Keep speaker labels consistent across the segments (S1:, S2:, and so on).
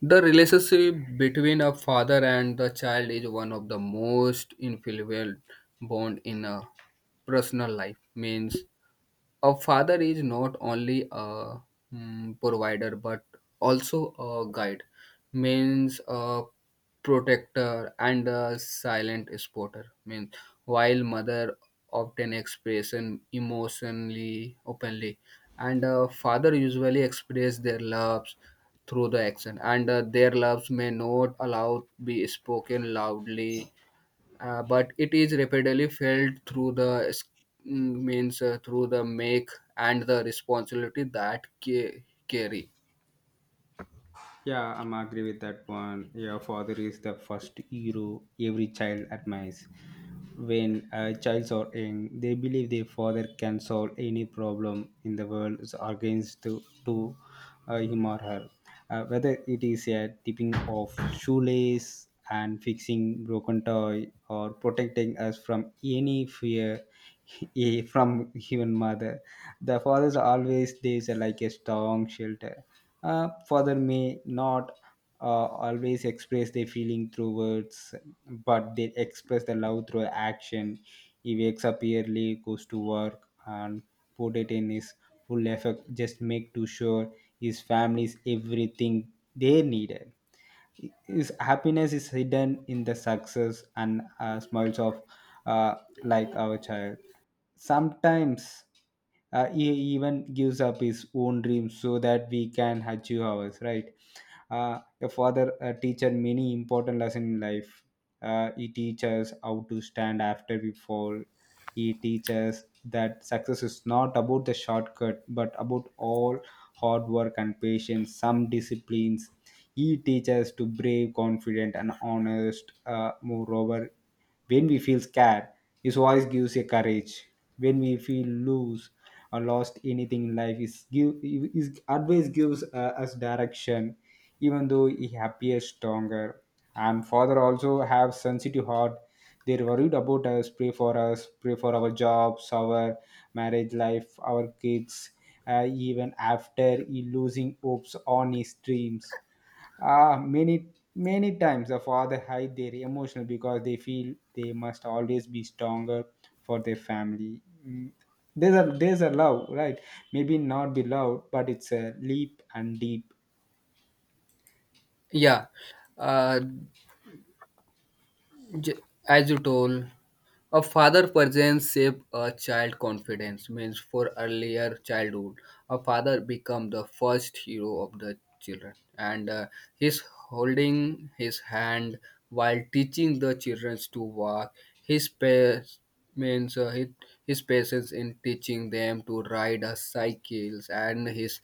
S1: The relationship between a father and the child is one of the most influential bond in a personal life. Means a father is not only a provider but also a guide means a protector and a silent supporter means while mother often expression emotionally openly and a father usually express their loves through the action, and their loves may not allow be spoken loudly, but it is rapidly felt through the means through the make and the responsibility that carry.
S2: Yeah, I'm agree with that one. Your father is the first hero every child admires. When childs are young, they believe their father can solve any problem in the world against to him or her. Whether it is a tipping of shoelace and fixing broken toy or protecting us from any fear from human mother, the fathers always there's a, like a strong shelter. Uh, father may not always express their feeling through words, but they express the love through action. He wakes up early, goes to work, and put it in his full effort. Just make to sure his family is everything they needed. His happiness is hidden in the success and smiles of uh, like our child. Sometimes he even gives up his own dreams so that we can achieve ours, right? Your father teacher many important lesson in life. He teaches how to stand after we fall. He teaches that success is not about the shortcut, but about all hard work and patience, some disciplines. He teaches to brave, confident, and honest. Moreover, when we feel scared, his voice gives you courage. When we feel loose or lost anything in life, his advice gives us direction even though he appears stronger. And father also have sensitive heart. They're worried about us, pray for our jobs, our marriage life, our kids, even after he losing hopes on his dreams. Ah, many many times the father hide their emotional because they feel they must always be stronger for their family. There's a love, right? Maybe not be loud, but it's a leap and deep.
S1: Yeah. uh, j- as you told, a father presence shape a child confidence means for earlier childhood, a father become the first hero of the children, and he's holding his hand while teaching the children to walk. His pace means his patience in teaching them to ride a cycles, and his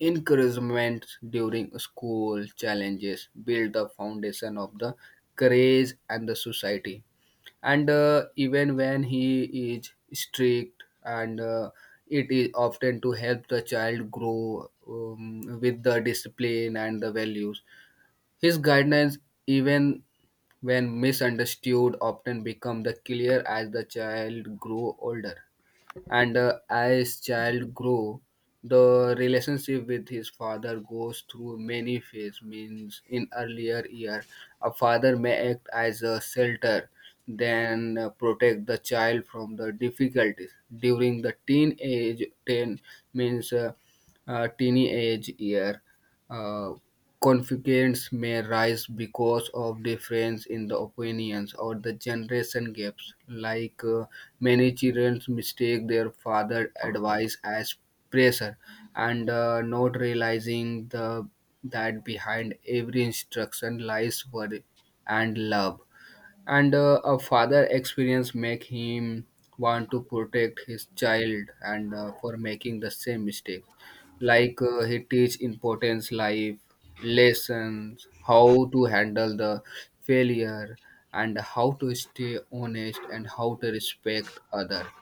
S1: encouragement during school challenges build the foundation of the courage and the society. And even when he is strict, and it is often to help the child grow with the discipline and the values. His guidance, even when misunderstood, often become the clear as the child grow older. And as child grow, the relationship with his father goes through many phases means in earlier year a father may act as a shelter, then protect the child from the difficulties during the teenage 10 means teenage year. uh, Conflicts may rise because of difference in the opinions or the generation gaps. Like many children mistake their father advice as pressure, and not realizing the that behind every instruction lies worry and love. And a father experience make him want to protect his child and for making the same mistakes. Like he teach importance life lessons, how to handle the failure, and how to stay honest, and how to respect other.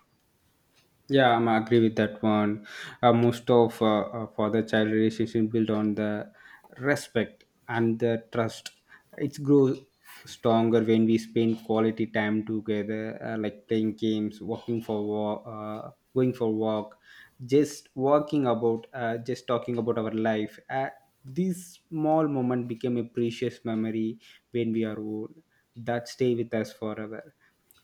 S2: Yeah, I'm agree with that one. Most of father-child relationship built on the respect and the trust. It grows stronger when we spend quality time together, like playing games, walking for walk, going for walk, just walking about, just talking about our life. This small moment became a precious memory when we are old that stay with us forever.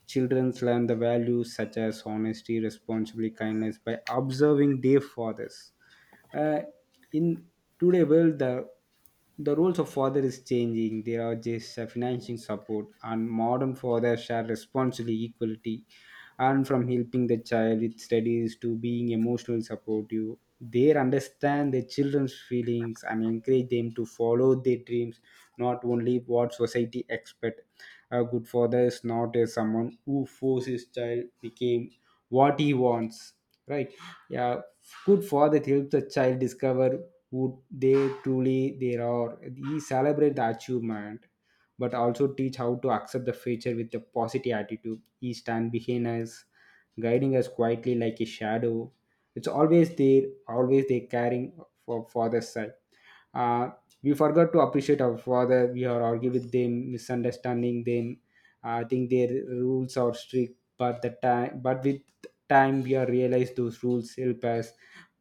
S2: Children learn the values such as honesty, responsibility, kindness by observing their fathers. Uh, in today world, the roles of father is changing. There are just financing support, and modern fathers share responsibility, equality, and from helping the child with studies to being emotional supportive. They understand their children's feelings and encourage them to follow their dreams, not only what society expect. A good father is not a someone who forces his child became what he wants, right? Yeah, good father helps the child discover who they truly they are. He celebrate the achievement but also teach how to accept the future with a positive attitude. He stand behind us, guiding us quietly like a shadow. It's always there, always they caring for father's side. Uh, we forgot to appreciate our father. We are argue with them, misunderstanding them. I think their rules are strict but the time, but with time we are realize those rules help us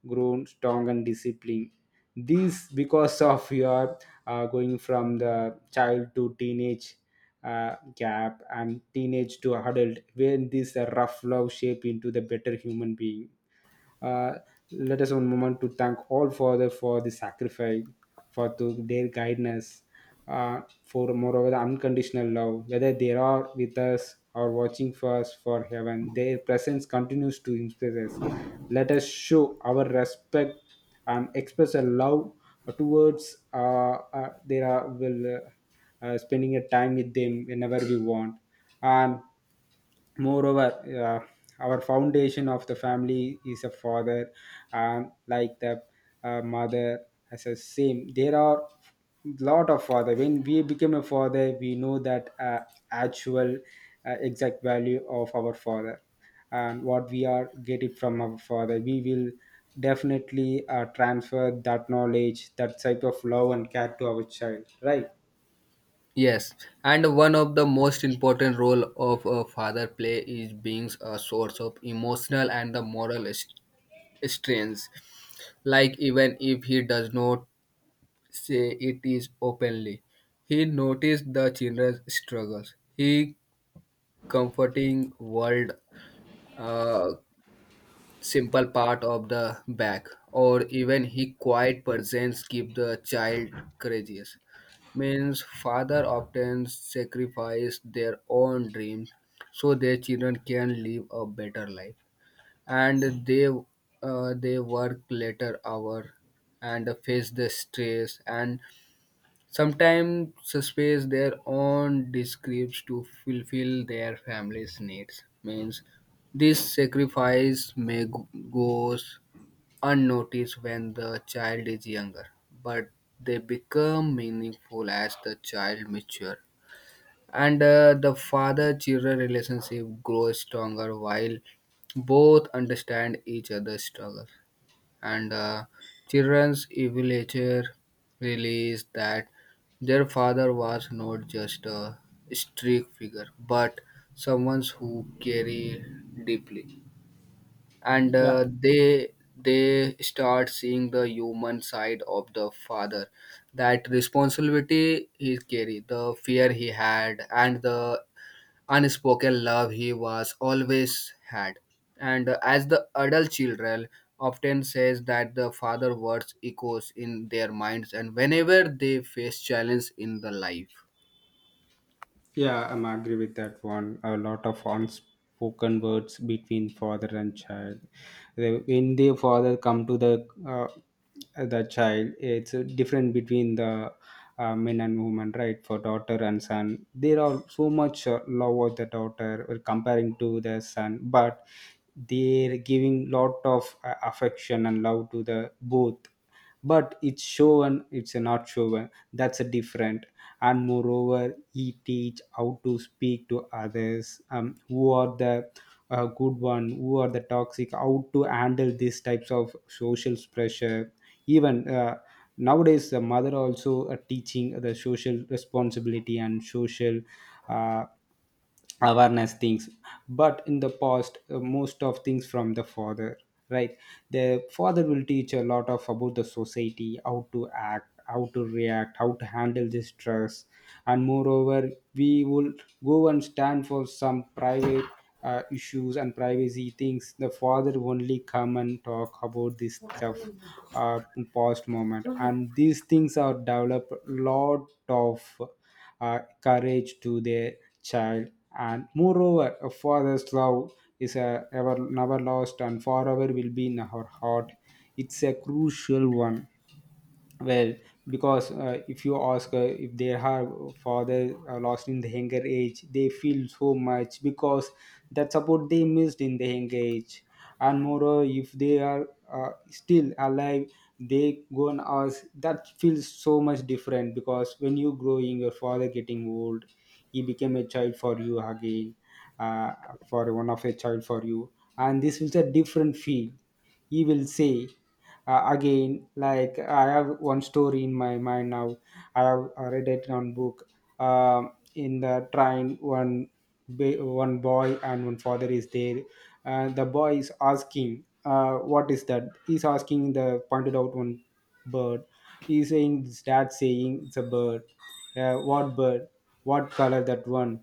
S2: grown strong and disciplined. This because of your going from the child to teenage gap, and teenage to adult, when this rough love shape into the better human being. uh, Let us one moment to thank all Father for the sacrifice, for to their guidance, for moreover the unconditional love, whether they are with us or watching for us for heaven. Their presence continues to inspire us. Let us show our respect and express a love towards their will. Spending a time with them whenever we want, and moreover uh, our foundation of the family is a father, and like the mother as a same. There are lot of father. When we become a father we know that actual exact value of our father, and what we are get it from our father we will definitely transfer that knowledge, that type of love and care to our child, right?
S1: Yes. And one of the most important role of a father play is being a source of emotional and the moral strength, like even if he does not say it is openly. He noticed the children's struggles. He comforting world, uh, simple part of the back, or even he quiet presence keep the child courageous. Means father often sacrifice their own dreams so their children can live a better life, and they work later hour and face the stress. And sometimes space their own descripts to fulfill their family's needs. Means this sacrifice goes unnoticed when the child is younger, but they become meaningful as the child matures. And the father-children relationship grows stronger while both understand each other's struggles, and children's evaluator realized that their father was not just a strict figure but someone who cared deeply. And
S2: Yeah.
S1: they start seeing the human side of the father, that responsibility he carried, the fear he had, and the unspoken love he was always had. And as the adult children often says that the father words echoes in their minds and whenever they face challenge in the life.
S2: Yeah, I'm agree with that one. A lot of unspoken words between father and child. They- When the father come to uh, the child, it's different between the men and women, right? For daughter and son, there are so much love of the daughter comparing to the son, but they're giving lot of affection and love to the both. But it's shown, it's not shown. That's a different. And moreover he teach how to speak to others who are the good one, who are the toxic, how to handle these types of social pressure. Even nowadays the mother also teaching the social responsibility and social uh, awareness things, but in the past most of things from the father, right? The father will teach a lot of about the society, how to act, how to react, how to handle this stress. And moreover we will go and stand for some private issues and privacy things. The father only come and talk about this stuff in past moment, and these things are develop lot of courage to their child. And moreover a father's love is a ever never lost and forever will be in our heart. It's a crucial one. Well, because if you ask if their her father lost in the younger age they feel so much because that support they missed in the younger age. And moreover if they are still alive, they go and ask, that feels so much different, because when you growing your father getting old, he became a child for you again. uh, for one of a child for you, and this is a different feel. He will say again, like I have one story in my mind now. I have read it on book. Um in the train one one boy and one father is there. Uh, the boy is asking what is that, he's asking the pointed out one bird. He's saying his dad saying it's a bird. Uh, what bird, what color that one,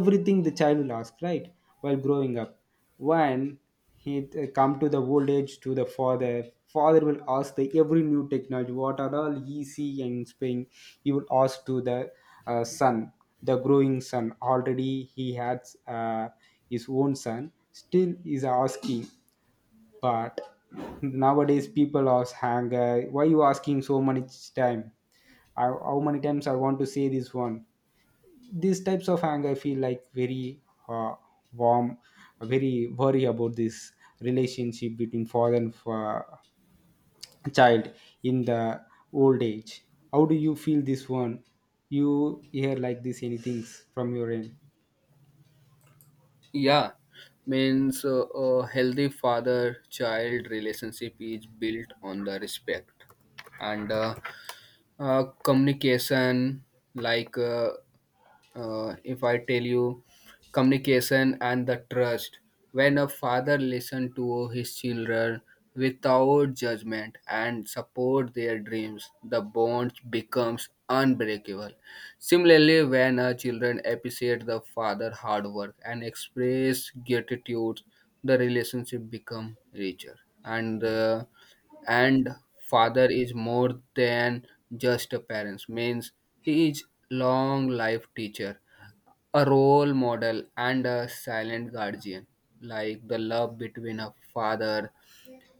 S2: everything the child will ask, right? While growing up, when he come to the old age to the father, father will ask the every new technology, what are all easy and spring. He will ask to the son. The growing son already he has his own son still is asking. But nowadays people ask hang, why you asking so much time? I, how many times I want to say this one? These types of anger feel like very uh, warm, very worry about this relationship between father and child in the old age. How do you feel this one? You hear like this anything from your end?
S1: Yeah. Means a healthy father child relationship is built on the respect and communication. Like if I tell you, communication and the trust. When a father listens to his children without judgment and support their dreams, the bond becomes unbreakable. Similarly, when a children appreciate the father hard work and express gratitude, the relationship become richer. And father is more than just a parent means he is long life teacher, a role model, and a silent guardian. Like the love between a father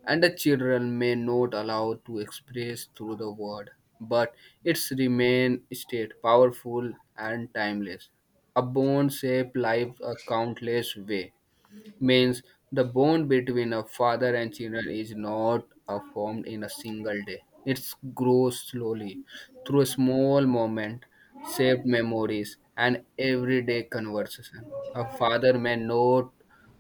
S1: and the children may not allow to express through the word, but its remain state powerful and timeless, a bond shape life a countless way. Means the bond between a father and children is not formed in a single day. It grows slowly through small moments, saved memories, and everyday conversation. A father may not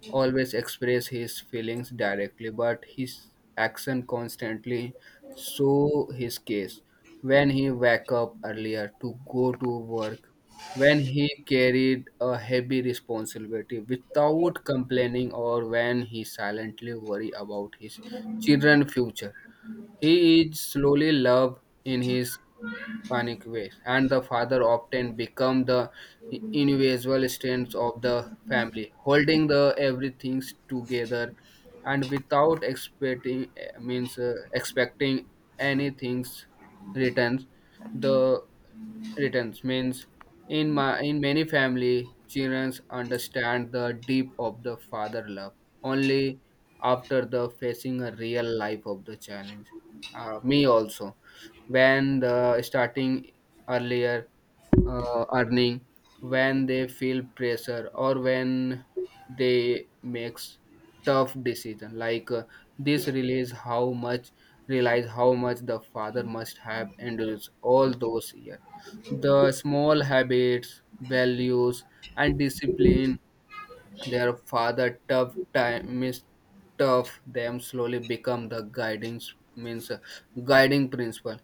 S1: always express his feelings directly, but his action constantly show his case. When he wake up earlier to go to work, when he carried a heavy responsibility without complaining, or when he silently worried about his children's future. He is slowly loved in his panic ways, and the father often become the individual strength of the family, holding the everything together and without expecting eh, means expecting anything's returns. The returns means in my in many family children understand the deep of the father love only after the facing a real life of the challenge. Me also when the starting earlier earning, when they feel pressure or when they makes tough decision. Like this realize how much the father must have endured all those years, the small habits, values, and discipline. Their father tough time is tough them slowly become the guiding means guiding principle.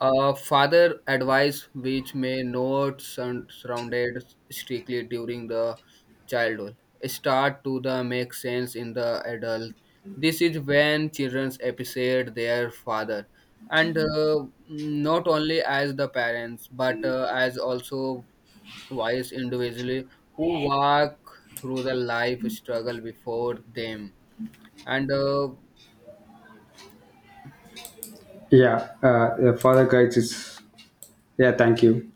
S1: A father advice which may not sound surrounded strictly during the childhood start to the make sense in the adult. This is when children appreciate their father, and not only as the parents but as also wise individually who walk through the life struggle before them and.
S2: Yeah, the father guides is. Yeah, thank you.